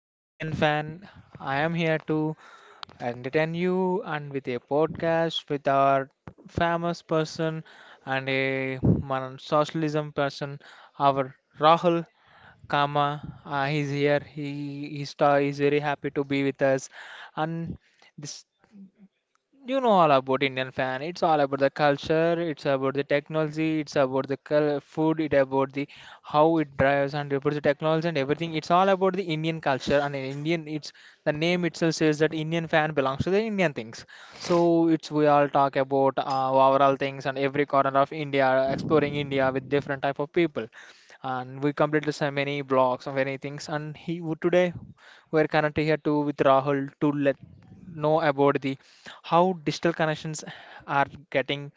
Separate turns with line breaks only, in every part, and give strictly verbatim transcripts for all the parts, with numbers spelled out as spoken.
F- Indian Fan. I am here to entertain you and with a podcast with our famous person and a modern socialism person, our Rahul Kama. Uh, he's here. He he star is very happy to be with us, and this you know all about Indian fan. It's all about the culture. It's about the technology. It's about the cul- food. It about the how it drives and about the technology and everything. It's all about the Indian culture and in Indian. It's the name itself says that Indian fan belongs to the Indian things. So it's we all talk about uh, overall things and every corner of India, exploring India with different type of people, and we completed so many blogs and many things. And he would today we're connected here too with Rahul to let know about the how digital connections are getting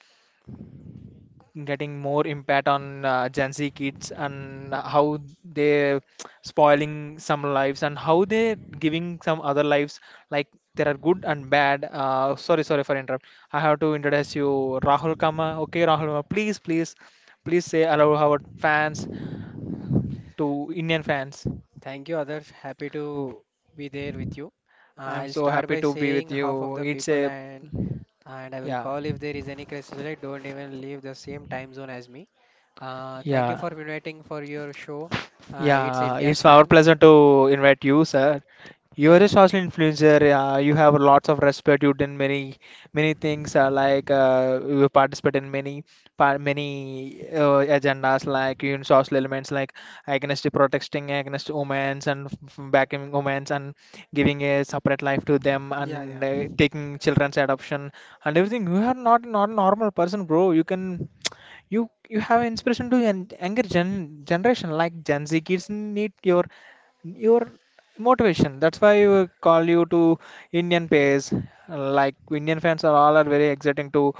getting more impact on uh, Gen Z kids and how they spoiling some lives and how they giving some other lives like there are good and bad. Uh, sorry, sorry for interrupt. I have to introduce you, Rahul Kama. Okay, Rahul, Kama, please, please, please say hello our fans to Indian fans.
Thank you, Adarsh. Happy to be there with you.
I'm
I'll
so
start
happy
by
to be
saying
with
half of
you.
the
It's
people
a
and and I will
yeah,
call if there is any crisis. Like don't even leave the same time zone as me. Uh, thank you
yeah.
for inviting for your show. Uh, it's
Yeah,
Indian
it's our
fan.
pleasure to invite you, sir. You
Yeah,
are a
yeah,
social influencer. Uh, you have lots of respect. You've done many, many things. Uh, like uh, you participate in many, par many uh, agendas, like in social elements, like against protesting against women's and f- f- backing women's and giving a separate life to them
yeah,
and
yeah,
uh, taking children's adoption and everything. You are not not a normal person, bro. You can. You you have inspiration to an younger gen generation like Gen Z kids need your your motivation. That's why we call you to Indian pairs. Like Indian fans are all are very exciting to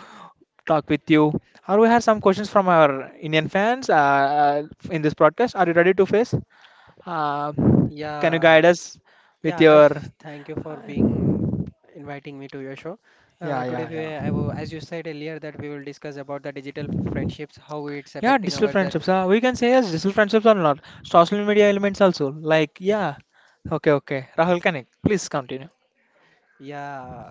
talk with you. Or we have some questions from our Indian fans uh, uh, in this broadcast. Are you ready to face? Uh, can you guide
yeah,
us with
yeah.
your
Adarsh, thank you for being inviting me to your show. Uh,
yeah
today,
yeah
we, I,
yeah.
will- as you said earlier, that we will discuss about the digital friendships, how it's
Yeah,
affecting
digital
our that.
friendships. Uh, we can say yes, digital friendships are not social media elements also. Like, yeah. Okay, okay. Rahul Kanik, please continue.
Yeah,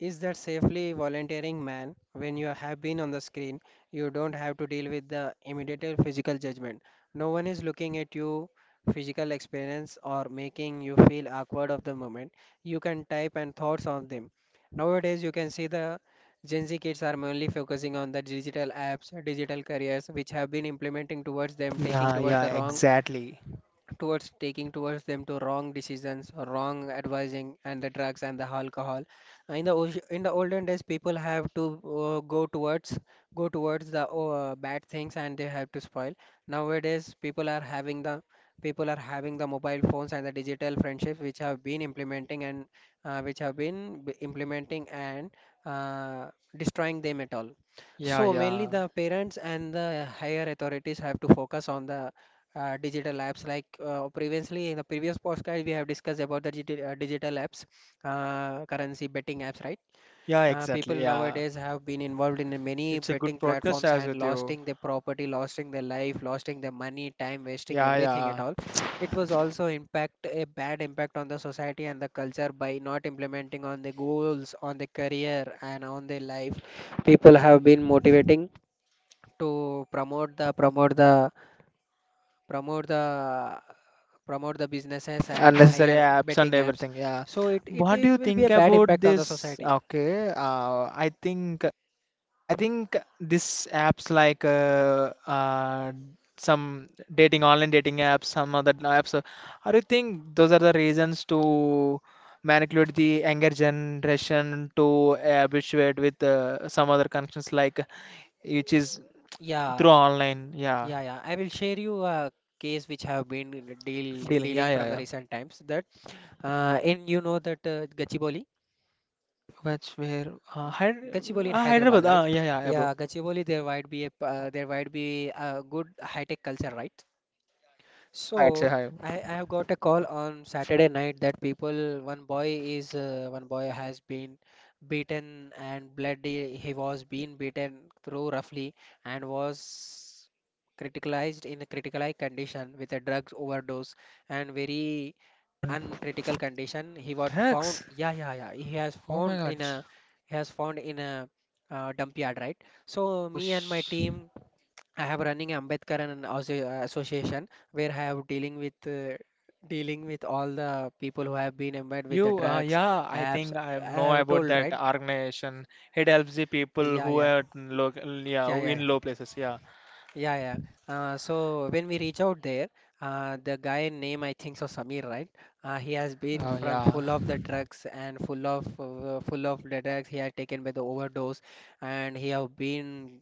is that safely volunteering, man? When you have been on the screen, you don't have to deal with the immediate physical judgment. No one is looking at you physical experience or making you feel awkward of the moment. You can type and thoughts on them. Nowadays, you can see the Gen Z kids are mainly focusing on the digital apps, digital careers, which have been implementing towards them, taking
Yeah,
towards
yeah,
the wrong
exactly.
towards taking towards them to wrong decisions, wrong advising and the drugs and the alcohol. Uh, in the old- in the olden days people have to uh, go towards go towards the uh, bad things and they have to spoil. Nowadays people are having the people are having the mobile phones and the digital friendships which have been implementing and uh, which have been b- implementing and uh, destroying them at all.
Yeah,
So mainly
yeah.
the parents and the higher authorities have to focus on the uh, digital apps. Like uh, previously in the previous podcast, we have discussed about the digi- uh, digital apps, uh, currency betting apps, right?
Yeah,
Uh, people
exactly. Yeah.
nowadays have been involved in many
It's a good
betting
podcast
platforms
as
and
with you.
losting their property, losting their life, losting their money, time wasting,
Yeah,
everything at
yeah.
all. It was also impact a bad impact on the society and the culture by not implementing on the goals, on the career, and on their life. People have been motivating to promote the promote the promote the promote the businesses and
Unnecessary
hire
apps and
betting apps.
everything. Yeah.
So it, it
What do
it
you
will be
think
a bad
about
impact on the
this?
society.
Okay. Uh, I think. I think this apps like uh, uh, some dating online dating apps, some other apps. uh, I do think those are the reasons to manipulate the younger generation to habituate with uh, some other connections like which is
Yeah,
through online, yeah,
yeah, yeah, I will share you a case which I have been deal
dealing, yeah,
dealing
yeah,
from the
yeah.
recent times. That uh, In, you know that uh, Gachibowli,
Which where uh, Hyder
gachiboli in
uh, Hyderabad,
hyderabad,
ah,
right?
yeah, yeah, yeah,
Yeah,
bro.
Gachibowli, there might be a p- uh, there might be a good high tech culture, right?
Yeah, it's
So
a high.
I, I have got a call on Saturday night that people one boy is uh, one boy has been beaten and bloody. He was being beaten through roughly and was criticalized in a critical condition with a drugs overdose and very
God,
uncritical condition he was found.
drugs.
Yeah, yeah, yeah, he has
Oh my
found
God.
in a he has found in a uh, dump yard, right? So
Oh,
me and my
sh.
team, I have running Ambedkaran Asso- uh, Association where I have dealing with uh, dealing with all the people who have been embedded with the
You, uh,
drugs,
yeah, I
apps.
think I
I
know
have
about
told,
that
right?
organization. It helps the people
Yeah,
who
yeah,
are in low, yeah,
yeah,
who
yeah, yeah,
in low places. Yeah.
yeah, yeah. Uh, so when we reach out there, uh, the guy name I think so Samir, right? Uh, he has been
Oh,
from
yeah.
full of the drugs and full of uh, full of the drugs. He had taken by the overdose, and he have been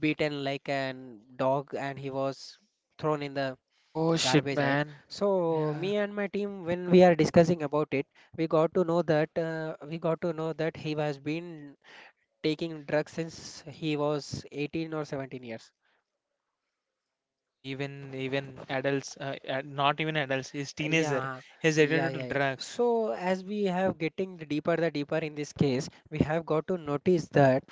beaten like an dog, and he was thrown in the
Oh shit,
garbage, right?
man.
So
Yeah.
me and my team when we are discussing about it, we got to know that uh, we got to know that he has been taking drugs since he was eighteen or seventeen years.
Oh, even even adults, uh, ad- not even adults. He's
Uh,
teenager.
yeah,
He's
yeah,
addicted to
yeah, yeah.
drugs.
So as we have getting deeper the deeper in this case, we have got to notice that,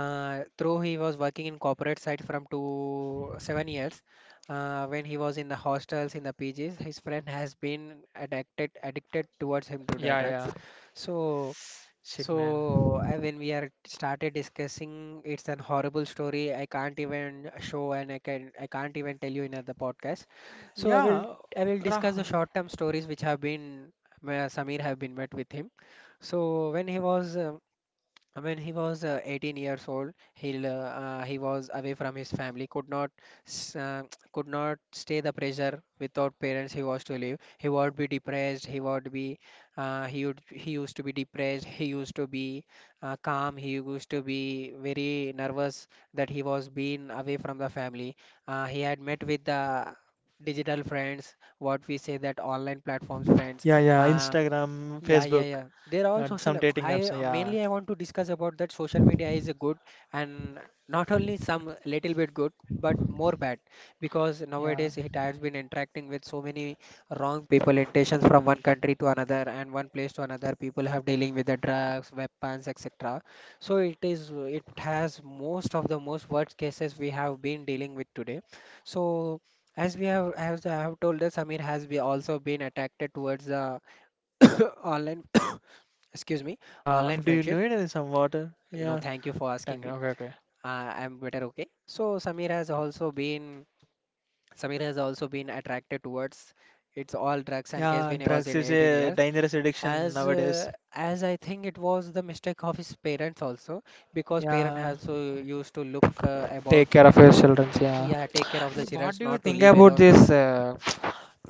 uh, though he was working in corporate side from two seven years, uh, when he was in the hostels in the P Gs, his friend has been addicted addicted towards him to the
Yeah,
drugs.
yeah.
So
Shit, man.
so uh, when we are started discussing, it's an horrible story. I can't even show and I can I can't even tell you in the podcast. So I will
Yeah,
I will discuss the
Rahul.
short term stories which have been where Samir have been met with him. So when he was uh, when he was uh, eighteen years old, he l- uh, he was away from his family, could not s- uh, could not stay the pressure without parents he was to live. He would be depressed. He would be uh, he would he used to be depressed. He used to be uh, calm. He used to be very nervous that he was being away from the family. Uh, he had met with the digital friends, what we say that online platforms friends.
Yeah, yeah.
Uh,
Instagram,
yeah, yeah,
Facebook,
yeah. They're all
yeah, some
social.
dating
I
apps. Yeah,
mainly I want to discuss about that social media is a good and not only some little bit good, but more bad because
yeah.
nowadays it has been interacting with so many wrong people, intentions from one country to another and one place to another. People have dealing with the drugs, weapons, et cetera. So it is it has most of the most worst cases we have been dealing with today. So as we have as I have told that Samir has be also been attracted towards the online, excuse me,
Uh,
online
do you
friendship.
need any some water?
You know,
Yeah.
thank you for asking
Thank you.
me.
Okay, okay.
uh, I'm better. Okay, so samir has also been samir has also been attracted towards it's all drugs and case
Yeah,
when he was
drugs
in
is
eighteen
a
years.
dangerous addiction
as
nowadays.
uh, as I think it was the mistake of his parents also, because parent
Yeah,
also used to look uh, about.
take care of your children. Yeah.
Yeah, take care of the children,
What do you
not to
think
leave
about
alone,
this? Uh,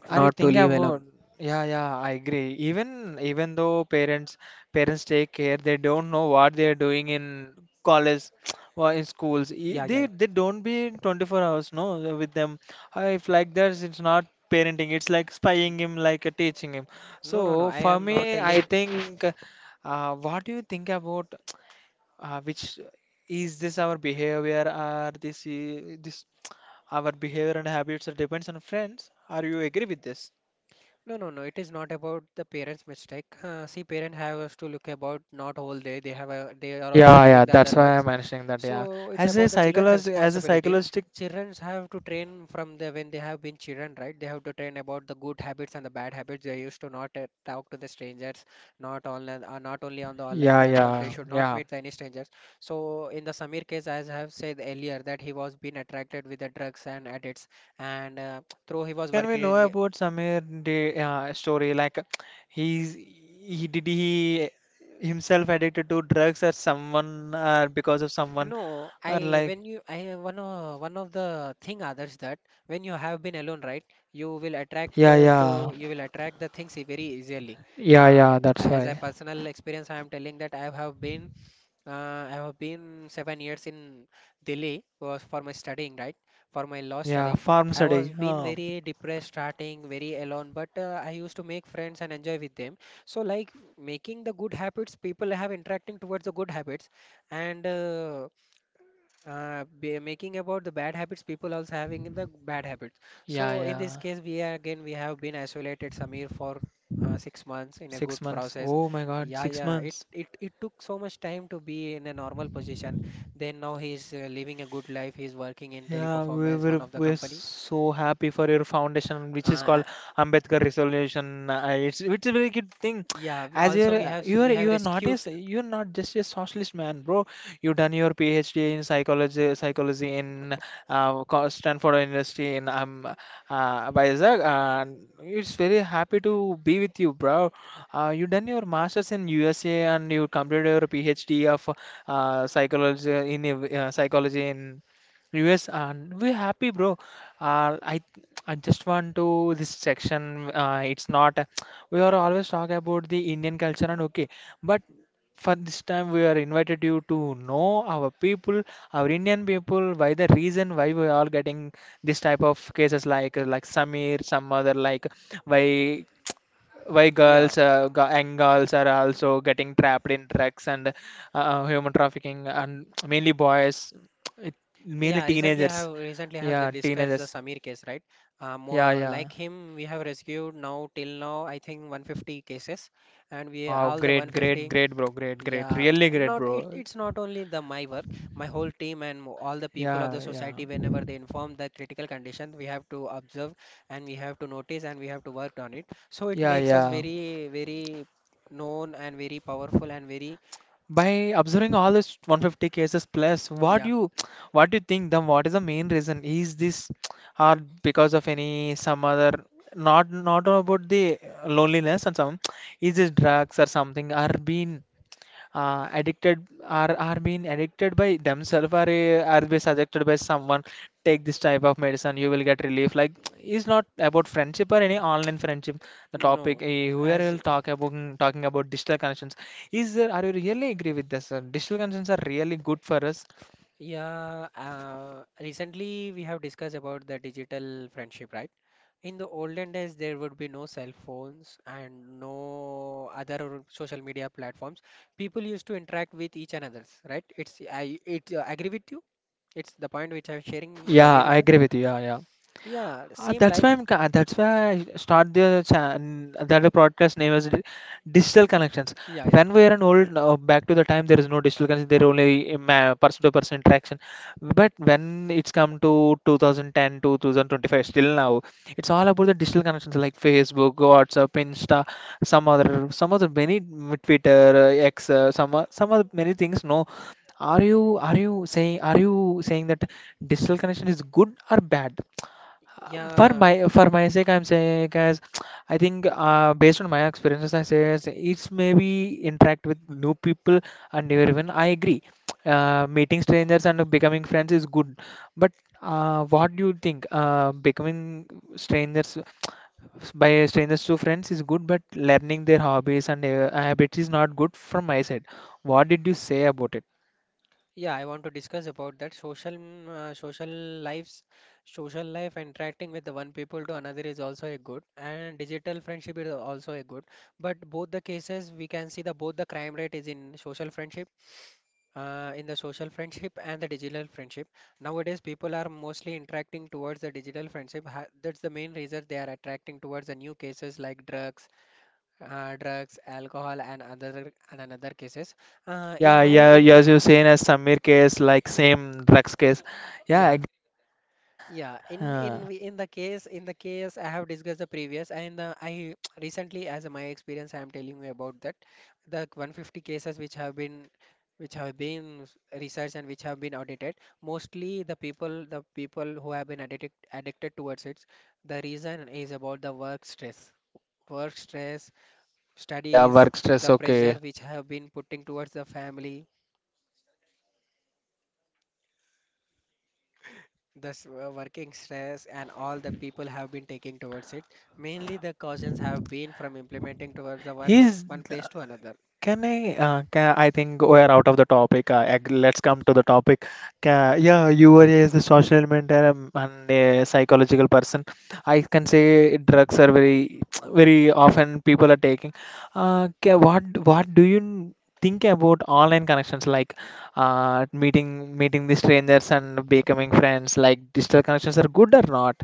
are you
not to
thinking
leave alone.
about? Yeah, yeah, I agree. Even even though parents parents take care, they don't know what they are doing in college
Yeah, yeah, yeah.
or in schools. E- They they don't be twenty-four hours no with them. Uh, If like that, it's not parenting. It's like spying him, like uh, teaching him.
No, no, no,
So
I
for
am not
me, I
telling.
think. Uh, what do you think about? uh, which is this our behavior or this i- this our behavior and habits are depends on friends are you agree with this.
No, no, no. It is not about the parents' mistake. Uh, see, parents have to look about not whole day. They have a, they are also
Yeah, yeah,
having the other
that's why
works.
I'm mentioning that. Yeah,
So it's
as a
about the children's
psychologist as a
responsibility.
psychologist
Children have to train from the when they have been children, right? They have to train about the good habits and the bad habits. They used to not uh, talk to the strangers, not online, uh, not only on the online
yeah,
platform. They
yeah,
should not
yeah.
meet any strangers. So in the Samir case, as I have said earlier, that he was being attracted with the drugs and addicts, and uh, through he
we-
was
can we know
working.
about Samir the uh, story like he's he did he himself addicted to drugs or someone or because of someone
No,
or
I
like.
when you I one of one of the thing others that when you have been alone, right, you will attract
Yeah,
uh,
yeah,
to you will attract the things e, very easily.
yeah,
Uh,
yeah, that's
as a
why.
personal experience, I am telling that I have been uh, I have been seven years in Delhi was for my studying, right, for my law
Yeah
studying.
farm
I
study
was been
huh.
very depressed starting, very alone, but uh, I used to make friends and enjoy with them. So like making the good habits, people have interacting towards the good habits and. Uh, uh, be making about the bad habits people also having in the bad habits. So
Yeah,
in this
yeah.
case we are again we have been isolated samir for uh, six months in a good
Six months.
process.
Oh my God,
Yeah,
six
yeah, it,
months.
it it took so much time to be in a normal position. Then now he's uh, living a good life. He's working in
Yeah, we
teleperformance, one
were
of the
we're
company.
so happy for your foundation, which is
uh,
called
a-
Ambedkar Resolution. Uh, it's it's a very good thing.
yeah, we-
As
also we
you're
have
you're
we have
you're not a
rescued.
s- you're not just a socialist man, bro. You done your PhD in psychology psychology in uh, co- Stanford University in um uh, Vizag, and it's very happy to be with you, bro. Uh, you done your master's in U S A and you completed your PhD of uh, psychology in uh, psychology in. Yes, and we're happy, bro. Uh, I I just want to this section. Uh, it's not we are always talk about the Indian culture and okay, but for this time we are invited you to know our people, our Indian people, why the reason why we are getting this type of cases like like Samir, some other like why why
Yeah,
girls uh, g- young girls are also getting trapped in drugs and uh, uh, human trafficking and mainly boys it, mainly
yeah, recently I
teenagers
have recently I have
yeah
like discussed the
teenagers
Samir case, right? Um,
yeah
uh,
yeah
like him, we have rescued now till now I think one hundred fifty cases, and we
wow
all the
great great
one hundred fifty.
great bro great great
Yeah,
really great
not
bro
it, it's not only the my work, my whole team and mo- all the people of the
yeah yeah
society. Whenever they inform the critical condition, we have to observe and we have to notice and we have to work on it. So it
yeah
makes us
yeah.
very very known and very powerful and very.
By observing all this one hundred fifty cases plus, what do
Yeah,
you what do you think the what is the main reason? Is this or because of any some other not not about the loneliness and some is this drugs or something or been uh, addicted are are being addicted by themselves or uh, are be suggested by someone take this type of medicine you will get relief like it's not about friendship or any online friendship the topic
no,
uh, where
as.
will talk about mm, talking about digital connections is there are you really agree with this uh, digital connections are really good for us.
Yeah, uh, recently we have discussed about the digital friendship, right? In the olden days, there would be no cell phones and no other social media platforms. People used to interact with each another's, right? It's I it uh, agree with you. It's the point which I'm sharing. You
Yeah,
agree
I
with you?
agree with you. Yeah, yeah.
Yeah,
Uh,
same
that's
like,
why I'm. ca- That's why I start the chan- that the podcast name as di- digital connections.
yeah, yeah,
When we are an old uh, back to the time, there is no digital connection. There only person to person interaction. But when it's come to twenty ten to twenty twenty-five, still now, it's all about the digital connections like Facebook, WhatsApp, Insta, some other, some other many mm, Twitter, uh, X, uh, some o- some other many things. No, are you are you saying are you saying that digital connection is good or bad? For
yeah.
my for my sake I'm saying guys I think uh, based on my experiences I say is it's maybe interact with new people and new even I agree uh, meeting strangers and becoming friends is good but uh, what do you think uh, becoming strangers by strangers to friends is good but learning their hobbies and uh, habits is not good from my side. What did you say about it?
Yeah, I want to discuss about that social mm, uh, social lives, social life interacting with the one people to another is also a good, and digital friendship is also a good. But both the cases we can see the both the crime rate is in social friendship, uh, in the social friendship and the digital friendship. Nowadays, people are mostly interacting towards the digital friendship. Ha that's the main reason they are attracting towards the new cases like drugs, uh, drugs, alcohol, and other and another cases. Uh, in
Yeah
my
yeah
in
yeah
my
as you're saying as Samir case like same drugs case yeah
yeah Yeah, in
exactly.
in we- in the case in the case I have discussed the previous and the, I recently as my experience I am telling you about that the one hundred fifty cases which have been which have been s- researched and which have been audited, mostly the people the people who have been addicted addicted towards it. The reason is about the work stress, work stress,
Ah, yeah,
studies,
work stress.
the pressure
Okay.
which have been putting towards the family, the s- uh, working stress, and all the people have been taking towards it. Mainly the cautions have been from implementing towards the one
He's
one place to another.
can I? Uh, can, I think we're out of the topic. Uh, ag- let's come to the topic. Ca yeah, you were a social media um, and a psychological person. I can say drugs are very, very often people are taking. Uh, ca- what what do you think about online connections like uh, meeting meeting the strangers and becoming friends? Like digital connections are good or not?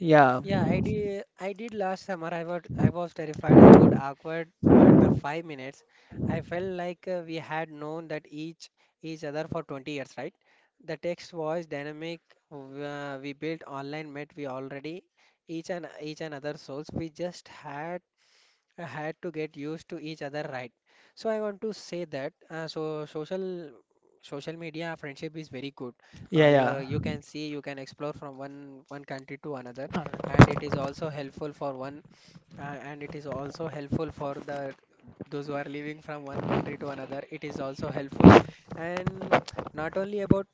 Yeah,
Yeah, I did. I did last summer. I was I was terrified. I would awkward, but the five minutes, I felt like uh, we had known that each each other for twenty years, right? The text was dynamic. w- Uh, we built online, met we already each and each and other souls. We just had had to get used to each other, right? So I want to say that, uh, so social social media friendship is very good. Uh,
yeah,
you are, you
yeah.
can see, you can explore from one one country to another, and it is also helpful for one uh, and it is also helpful for the those who are living from one country to another. It is also helpful. And not only about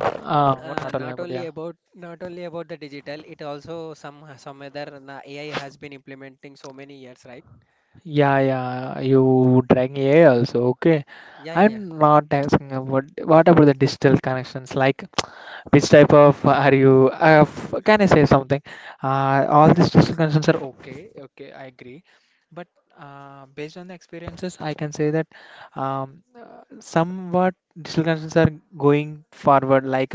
Uh, what
uh,
not online,
not
but
only
yeah.
about not only about the digital, it also some some other na- A I has been implementing so many years, right?
Yeah, yeah, you drag A I also. Okay,
Yeah, yeah, yeah.
I'm not asking about what about the digital connections? Like, which type of are you? Uh, f- can I say something? Uh, all these digital connections are okay. Okay, I agree. But uh, based on the experiences, I can say that. Um, somewhat digital connections are going forward. Like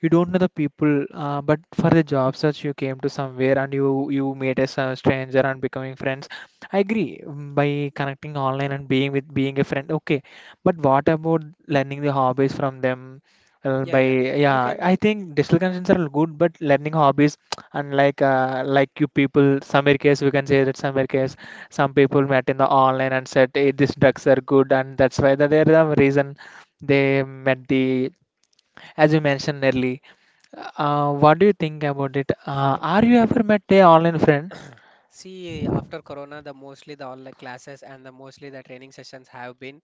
you don't know the people, uh, but for the job search you came to somewhere and you you met a s- stranger and becoming friends. I agree mm, by connecting online and being with being a friend. Okay, but what about learning the hobbies from them? Uh, by
Yeah, yeah. You
yeah, I
can
think digital connections are good, but learning hobbies and like uh, like you people, some case we can say that some case some people met in the online and said hey, these drugs are good and that's why that are the reason they met the as you mentioned early uh, what do you think about it uh, are you ever met a online friend?
see after Corona, the mostly the online classes and the mostly the training sessions have been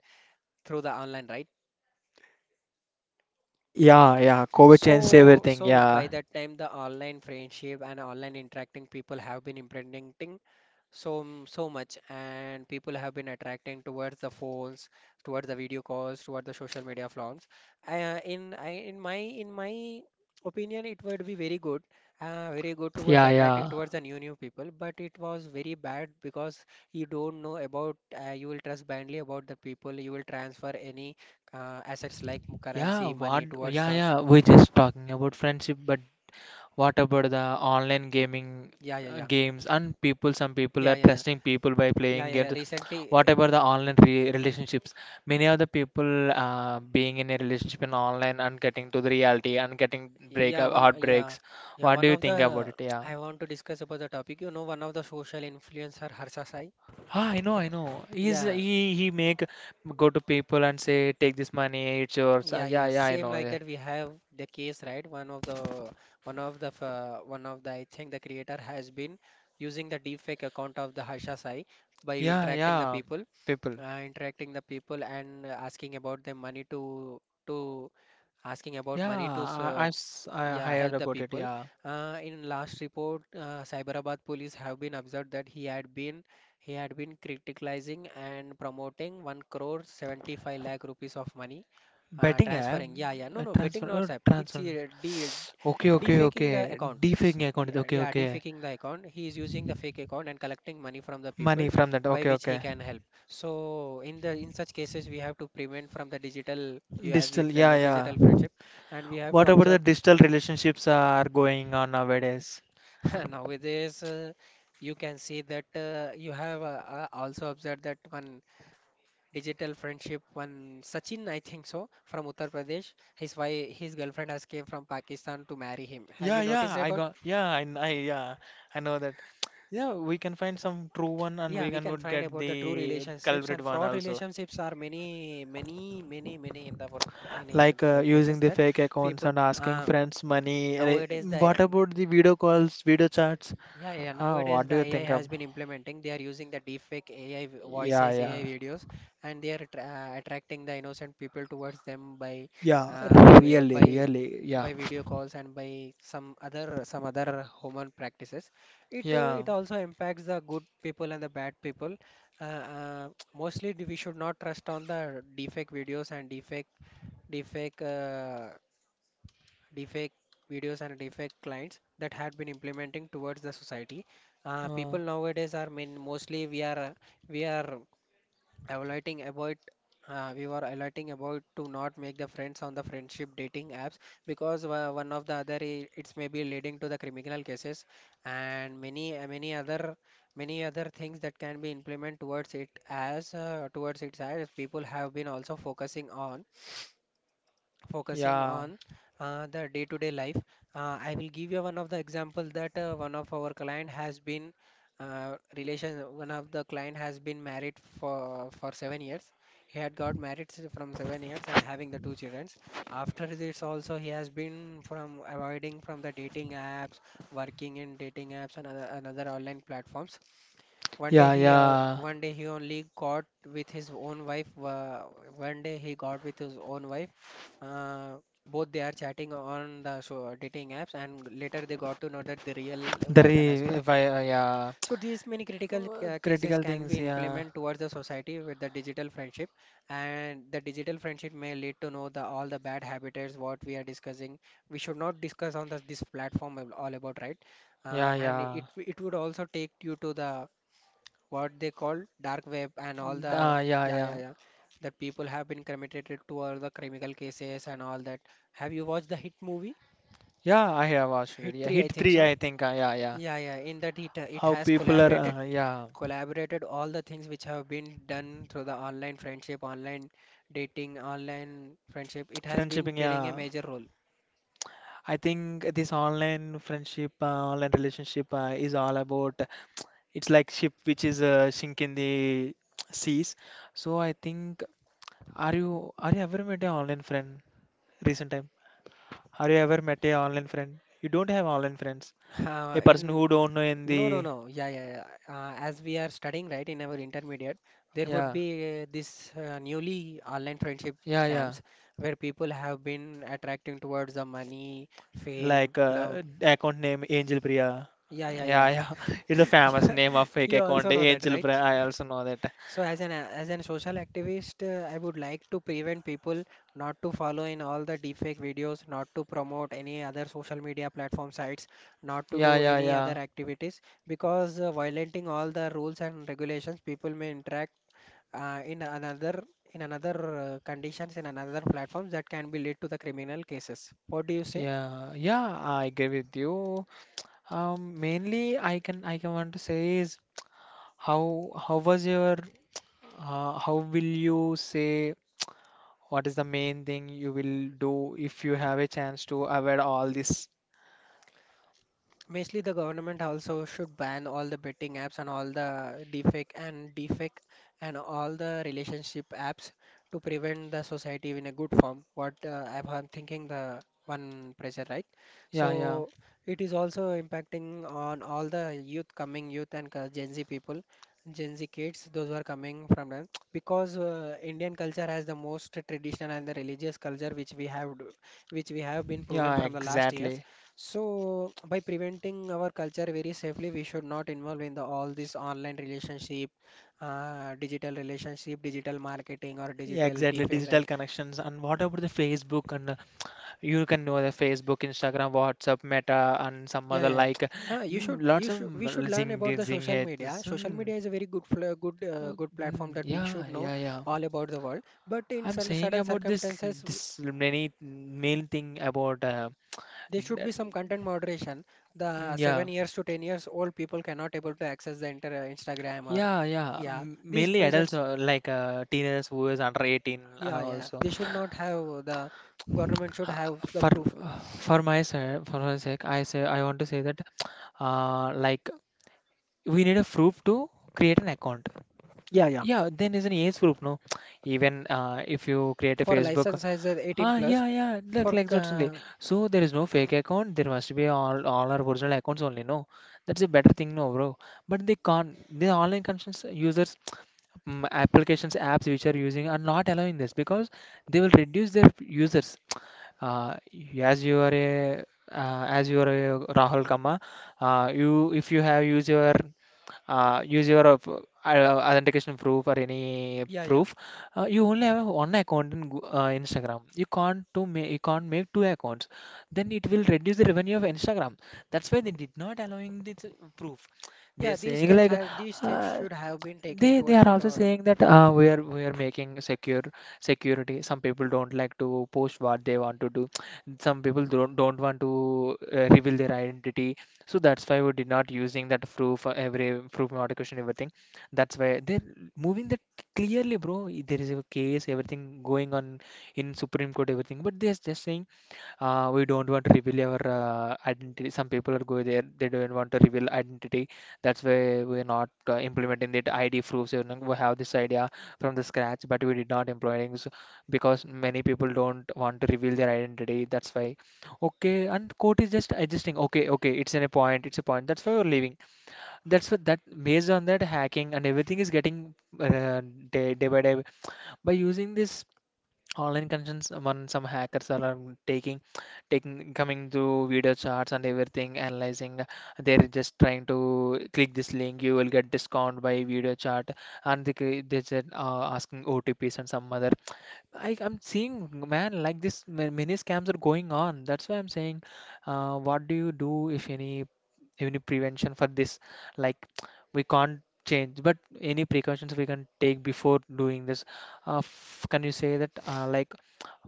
through the online, right?
Y- yeah yeah covid changed
So,
everything
so by
yeah
that time, the online friendship and online interacting people have been implementing so m- so much, and people have been attracting towards the phones, towards the video calls, towards the social media forms. I, uh, in I, in my in my opinion, it would be very good, uh, very good towards
yeah
attracting
yeah
towards the new new people, but it was very bad because you don't know about uh, you will trust blindly about the people. You will transfer any uh, assets like m-
yeah
currency
what
money towards
yeah
the
yeah we're just talking about friendship but what about the online gaming
yeah yeah
uh,
yeah
games and people? Some people
yeah
are
yeah yeah
trusting people by
yeah
playing
yeah yeah
games.
recently.
What about the online re relationships? Many of the people uh, being in a relationship in online and getting to the reality and getting
Yeah,
breakup
one, yeah,
heartbreaks.
yeah.
What
One
do you
of
think about
the
it? Yeah.
I want to discuss about the topic. You know, one of the social influencer, Harsha Sai.
Ah, I know, I know. He's
Yeah,
he he make go to people and say take this money, it's yours. Uh,
yeah,
yeah,
yeah.
yeah, I
Same
know.
like
Yeah,
that. We have the case, right? One of the, one of the, uh, one of the. I think the creator has been using the deepfake account of the Harsha Sai by
yeah,
interacting the
yeah.
people,
People.
uh, interacting the people and uh, asking about the money to to asking about
Yeah,
money to
I,
serve,
I've s- I
yeah,
heard
help the
about it.
people.
Yeah.
Uh, in last report, uh, Cyberabad police have been observed that he had been he had been criticalizing and promoting one crore seventy-five lakh rupees of money, uh,
Betting app,
transferring. Yeah, yeah, no,
uh,
no, betting
transfer, oh,
not app. It's
transfer.
a deal,
Okay, okay,
defaking the
okay.
account. S-
Defaking account is
yeah,
okay,
yeah,
okay.
defaking the account, he is using the fake account and collecting money from the people
Money from that,
by
okay,
which he
okay.
can help. So in the in such cases, we have to prevent from the digital, you, as we
Digital,
tell,
yeah,
the digital
yeah.
friendship, and we have to
What about the
observe.
digital relationships are going on nowadays?
Nowadays, uh, you can see that uh, you have uh, uh, also observed that one digital friendship, one Sachin, I think so, from Uttar Pradesh, his wife, his girlfriend has came from Pakistan to marry him. Have
Yeah,
you noticed
yeah, I
about?
got, yeah, I, I, yeah, I know that. Yeah, we can find some true one and
Yeah,
we
we
can
can
would
find
get
about the true
the
relationships
culprit
and
one
fraud
also.
relationships are many, many, many, many in the work in, in
Like
the
uh, using
workplaces
the
that
fake accounts
people
and asking
uh,
friends money, and, uh,
nowadays the
what about the video calls, video chats?
yeah, yeah.
Ah,
Nowadays,
what
the
do you
A I
think of?
has been implementing. They are using the deepfake A I
Yeah,
voices, A I
yeah.
videos, and they are attra uh, attracting the innocent people towards them by,
Yeah,
uh, by
really,
by
really, yeah,
by video calls and by some other some other human practices. It uh,
yeah.
it also impacts the good people and the bad people. Uh, uh, mostly, we should not trust on the deepfake videos and deepfake deepfake. Uh, deepfake videos and deepfake clients that had been implementing towards the society. Uh,
Uh,
people nowadays are mean mostly we are uh, we are evaluating about uh, we were alerting about to not make the friends on the friendship dating apps, because uh, one of the other i- it's maybe leading to the criminal cases and many uh, many other many other things that can be implemented towards it as uh, towards its, as people have been also focusing on focusing
yeah.
on uh, the day-to-day life. Uh, I will give you one of the example that uh, one of our client has been uh, relation. One of the client has been married for for seven years. He had got married s- from seven years and having the two children. After this, also he has been from avoiding from the dating apps, working in dating apps and other, another online platforms. One day
Yeah,
he uh,
yeah.
one day he only got with his own wife. Uh, One day he got with his own wife. Uh, both they are chatting on the so dating apps, and later they got to know that the real
The
wife
re
and husband.
if I uh, yeah.
So these many critical
Uh,
uh, cases
Critical
can
things,
be
yeah.
implemented towards the society with the digital friendship, and the digital friendship may lead to know the all the bad habits what we are discussing. We should not discuss on the, this platform all about, right?
Yeah,
Uh, and
yeah.
it it would also take you to the what they call dark web and all the
Uh, yeah,
yeah yeah
yeah.
yeah that people have been committed to all the criminal cases and all that. Have you watched the Hit movie?
Yeah, I have watched it.
Hit
Yeah,
three, I
Hit
think
three,
so.
I think. Uh, yeah, yeah.
Yeah, yeah. In that it uh, it
How
has
people are,
collaborated
uh, yeah.
collaborated all the things which have been done through the online friendship, online dating, online friendship. It has been
Friendshiping,
playing a
yeah.
major role.
I think this online friendship, uh, online relationship uh, is all about. It's like ship which is uh, sink in the seas. So I think. Are you are you ever met a online friend recent time? Are you ever met a online friend? You don't have online friends.
Uh,
A person
in
who don't know in
No, no,
the.
no. Yeah, yeah, yeah. Uh, as we are studying, right, in our intermediate, there would
Yeah,
be uh, this uh, newly online friendship
yeah, yeah,
scams where people have been attracting towards the money, fame,
like
love.
uh, account name Angel Priya.
Yeah, yeah,
Yeah,
yeah.
yeah. It's a
You,
famous name of fake
you
account
also know that,
Angel Priya.
right?
I also know that.
So as an as an social activist, uh, I would like to prevent people not to follow in all the deepfake videos, not to promote any other social media platform sites, not to
Yeah,
do
yeah,
any other
yeah.
activities, because uh, violating all the rules and regulations, people may interact uh, in another in another uh, conditions in another platforms that can be lead to the criminal cases. What do you say?
Yeah, yeah, I agree with you. Um, mainly I can I can want to say is how how was your uh, how will you say, what is the main thing you will do if you have a chance to avoid all this?
Basically, the government also should ban all the betting apps and all the deepfake and deepfake and all the relationship apps to prevent the society in a good form. What uh, I'm I'm thinking the one pressure, right?
Yeah, yeah,
So it is also impacting on all the youth coming youth and cu- Gen Z people, Gen Z kids, those who are coming from them because uh, Indian culture has the most traditional and the religious culture which we have d- which we have been proven
yeah,
from the last years.
exactly.
So by preventing our culture very safely, we should not involve in the all this online relationship, uh, digital relationship, digital marketing, or
Yeah,
digital
exactly.
defect,
Digital
right?
connections. And what about the Facebook and uh, you can know the Facebook, Instagram, WhatsApp, Meta, and some
Yeah,
other
yeah,
like uh,
yeah. Uh, you
mm,
should,
lots
you
of
should, we should
mm,
learn about
Zing,
the
Zing
social media.
heads.
Social
Mm,
media is a very good, fl- good, uh,
oh,
good platform
mm,
that we should
yeah,
know
yeah, yeah.
all about the world. But in
I'm
certain,
saying
certain
about this
circumstances, w-
this many main thing about uh,
there should be
that-
some content moderation. The
mm, yeah.
seven years to ten years old people cannot able to access the inter uh, Instagram or
Yeah, yeah.
yeah,
M-
these
Mainly adults
pressures.
or like uh, teenagers who is under eighteen,
Yeah,
uh,
yeah.
also.
They should not have the government should
Uh,
have the
For
proof.
for my se- for my sake, I say I want to say that uh, like we need a proof to create an account.
Yeah, yeah.
Yeah, then is an age group, no? Even uh, if you create a
For
Facebook,
license as a eighteen
ah,
plus,
yeah, yeah, look
for
like that only.
uh,
So there is no fake account. There must be all all our original accounts only. No, that's a better thing, no, bro. But they can't. The online content users, mm, applications, apps which are using are not allowing this because they will reduce their users. Uh, as you are a uh, as you are a Rahul Kama, uh, you if you have used your uh, use your uh, p- uh, authentication proof or any
yeah, yeah,
proof, uh, you only have one account in Goo- uh, instagram. You can't to ma- you can't make two accounts, then it will reduce the revenue of Instagram. That's why they did not allowing this proof.
yeah.
They're
These
saying
steps
like
have these steps
uh,
should have been taken
they they
towards
are
the
also
government.
saying that uh, we are we are making secure security. Some people don't like to post what they want to do. Some people don't don't want to uh, reveal their identity. So that's why we did not using that proof, uh, every proof modification everything. That's why they're moving that clearly, bro. There is a case, everything going on in Supreme Court, everything. But they're just saying uh, we don't want to reveal our uh, identity. Some people are going there, they don't want to reveal identity. That's why we're not uh, implementing that I D proofs. You know, we have this idea from the scratch, but we did not employ it, so- because many people don't want to reveal their identity. That's why. Okay, and code is just adjusting. Okay, okay, it's in a point. It's a point. That's why we're leaving. That's what, that based on that, hacking and everything is getting uh, day, day by day by using this online concerns, when some hackers are um, taking, taking coming to video charts and everything analyzing, they're just trying to click this link you will get discount by video chart, and they, cre- they said uh, asking O T Ps and some other. I, i'm seeing man like this ma- many scams are going on, that's why I'm saying, uh, what do you do if any any prevention for this, like we can't change but any precautions we can take before doing this, uh, f- can you say that, uh, like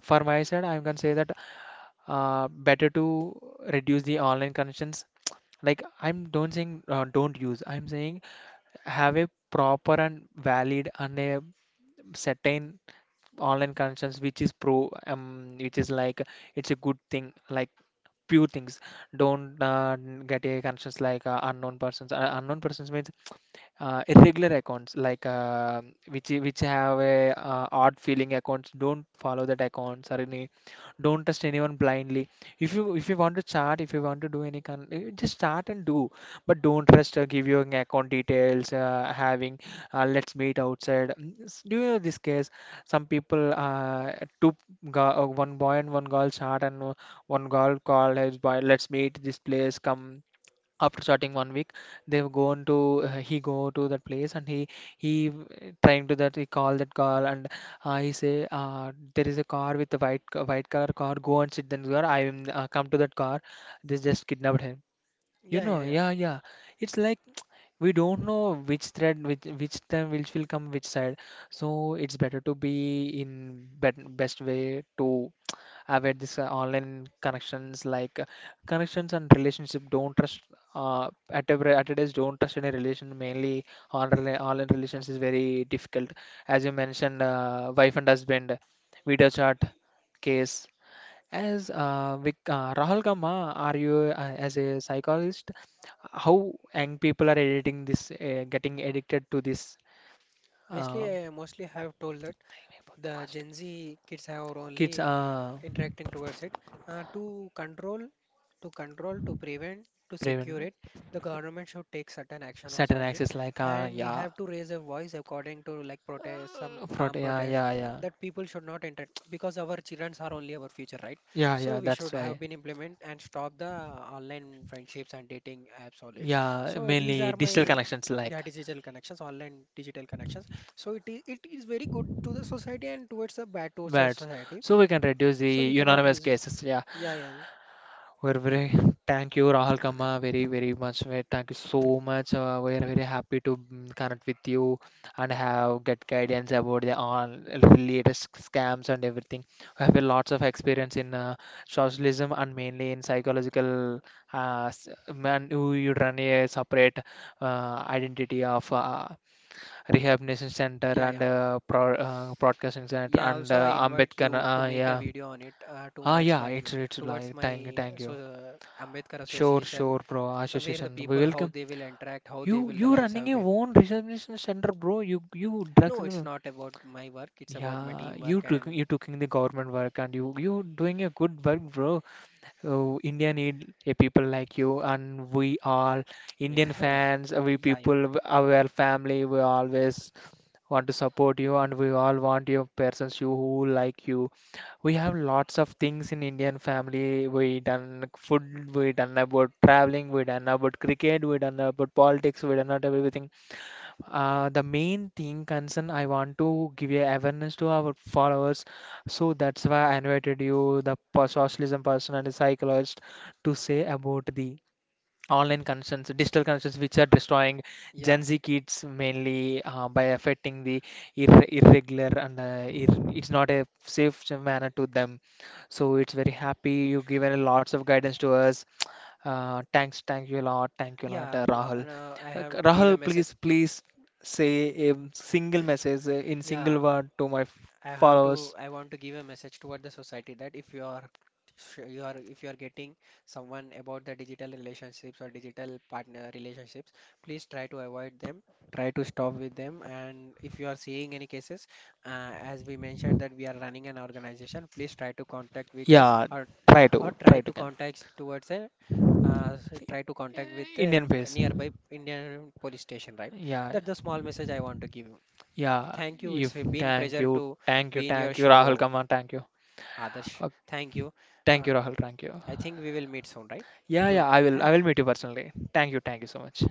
for my side I can say that uh, better to reduce the online connections, like I'm don't saying uh, don't use, I'm saying have a proper and valid and a certain online concerns which is pro um which is like it's a good thing, like pure things. Don't uh, n- get a conscience, like uh, unknown persons, uh, unknown persons means uh, irregular accounts, like uh, which which have a uh, odd feeling accounts, don't follow that accounts or any. Don't trust anyone blindly. If you if you want to chart, if you want to do any kind, eh, just start and do, but don't trust, uh, give your account details, uh, having, uh, let's meet outside. Mm, s- do you know this case, some people uh, two, ga- uh, one boy and one girl chat, and uh, one girl called his boy, let's meet this place, come. After starting one week, they've gone to, uh, he go to that place and he he uh, trying to that he call, that call, and uh, he say uh, there is a car with a white co- white color car, go and sit in the car, I am uh, come to that car. They just kidnapped him you
Yeah, yeah,
know
yeah.
Yeah, yeah. It's like we don't know which thread, which which time which will come, which side. So it's better to be in bet best way to. I've had this uh, online connections, like uh, connections and relationship, don't trust, uh, at every at today's, don't trust any relation, mainly on rela- online relations is very difficult. As you mentioned, uh, wife and husband video chat case. As uh, Vic, uh, Rahul Gamma, are you, uh, as a psychologist, how young people are editing this, uh, getting addicted to this. uh,
Mostly, I mostly have told that the Gen Z kids have
Kids,
only
uh
interacting towards it, uh, to control, to control, to prevent, to secure
prevent,
it, the government should take certain action also
certain
on it,
access, like uh
and we
yeah.
have to raise a voice according to like protest, some calm
Fraud, yeah,
protest,
yeah, yeah,
that people should not enter because our children are only our future, right?
yeah,
So
yeah.
we should
That's
have
why,
been implement and stop the online friendships and dating apps all it.
yeah,
So these are
mainly digital
my
connections
yeah
like
digital connections online digital connections. So it is, it is very good to the society and towards the bad towards the
words.
society.
So we can reduce the
So we cannot
unanimous
use it.
cases. Yeah,
Yeah, yeah, yeah.
we're very, thank you, Rahul Kama, very, very much. We Thank you so much. Uh, we're very happy to mm, connect with you and have get guidance about the all latest scams and everything. We have a lots of experience in uh, socialism and mainly in psychological. Uh, s- Man, you you run a separate uh, identity of uh, rehabilitation center
Yeah, yeah.
and uh, pro- uh, broadcasting center
Yeah,
and
also I
uh,
invite
Ambedkar.
you to
Uh,
make a
yeah.
video on it uh,
Ah,
towards
yeah.
my
It's it's
towards
like thank you,
my uh,
thank
so
you.
uh, Ambedkar
Sure,
Association
sure, bro.
uh, where the
Association, we
people how
welcome
they will interact, how they
you.
will the
You
lives
running
have
your
been.
own rehabilitation center, bro. You you drugs.
No, it's
and-
not about my work, it's about my
Yeah, you
teamwork
took
and
you taking the government work and you you doing a good work, bro. Oh, India need a people like you, and we all Indian fans, we
yeah, yeah.
people, our family, we always want to support you, and we all want your persons you who like you. We have lots of things in Indian family, we done food, we done about traveling, we done about cricket, we done about politics, we done about everything. Uh, the main thing concern, I want to give a awareness to our followers, so that's why I invited you, the per- socialism person and the psychologist, to say about the online concerns, digital concerns, which are destroying
Yeah.
Gen Z kids, mainly uh, by affecting the ir- irregular and uh, ir- it's not a safe manner to them. So it's very happy you've given lots of guidance to us. Uh, thanks, thank you a lot, thank you a lot,
Yeah,
uh,
w- and, uh,
Rahul.
no, I
Uh,
have to give a
Rahul,
message.
please, please say a single message uh, in
Yeah,
single word to my
I have to.
followers.
I want to give a message toward the society that if you are, sh- you are, if you are getting someone about the digital relationships or digital partner relationships, please try to avoid them. Try to stop with them. And if you are seeing any cases, uh, as we mentioned that we are running an organization, please try to contact with us,
Yeah,
or
try
or
to,
try
try
to
to can.
contact towards a uh, s- try to contact with the
Indian face.
nearby Indian police station, right?
Yeah,
That's the small message I want to give you.
yeah,
Thank you. It's
if
been
thank
pleasure
you,
to
thank
be
you,
in your
thank you, Rahul.
show,
Come on, thank you.
Adarsh.
Uh,
Thank you. Uh,
Thank you, Rahul. Thank you.
I think we will meet soon, right?
Yeah,
Good.
yeah, I will, I
Thank you.
will meet you personally. Thank you, thank you so much.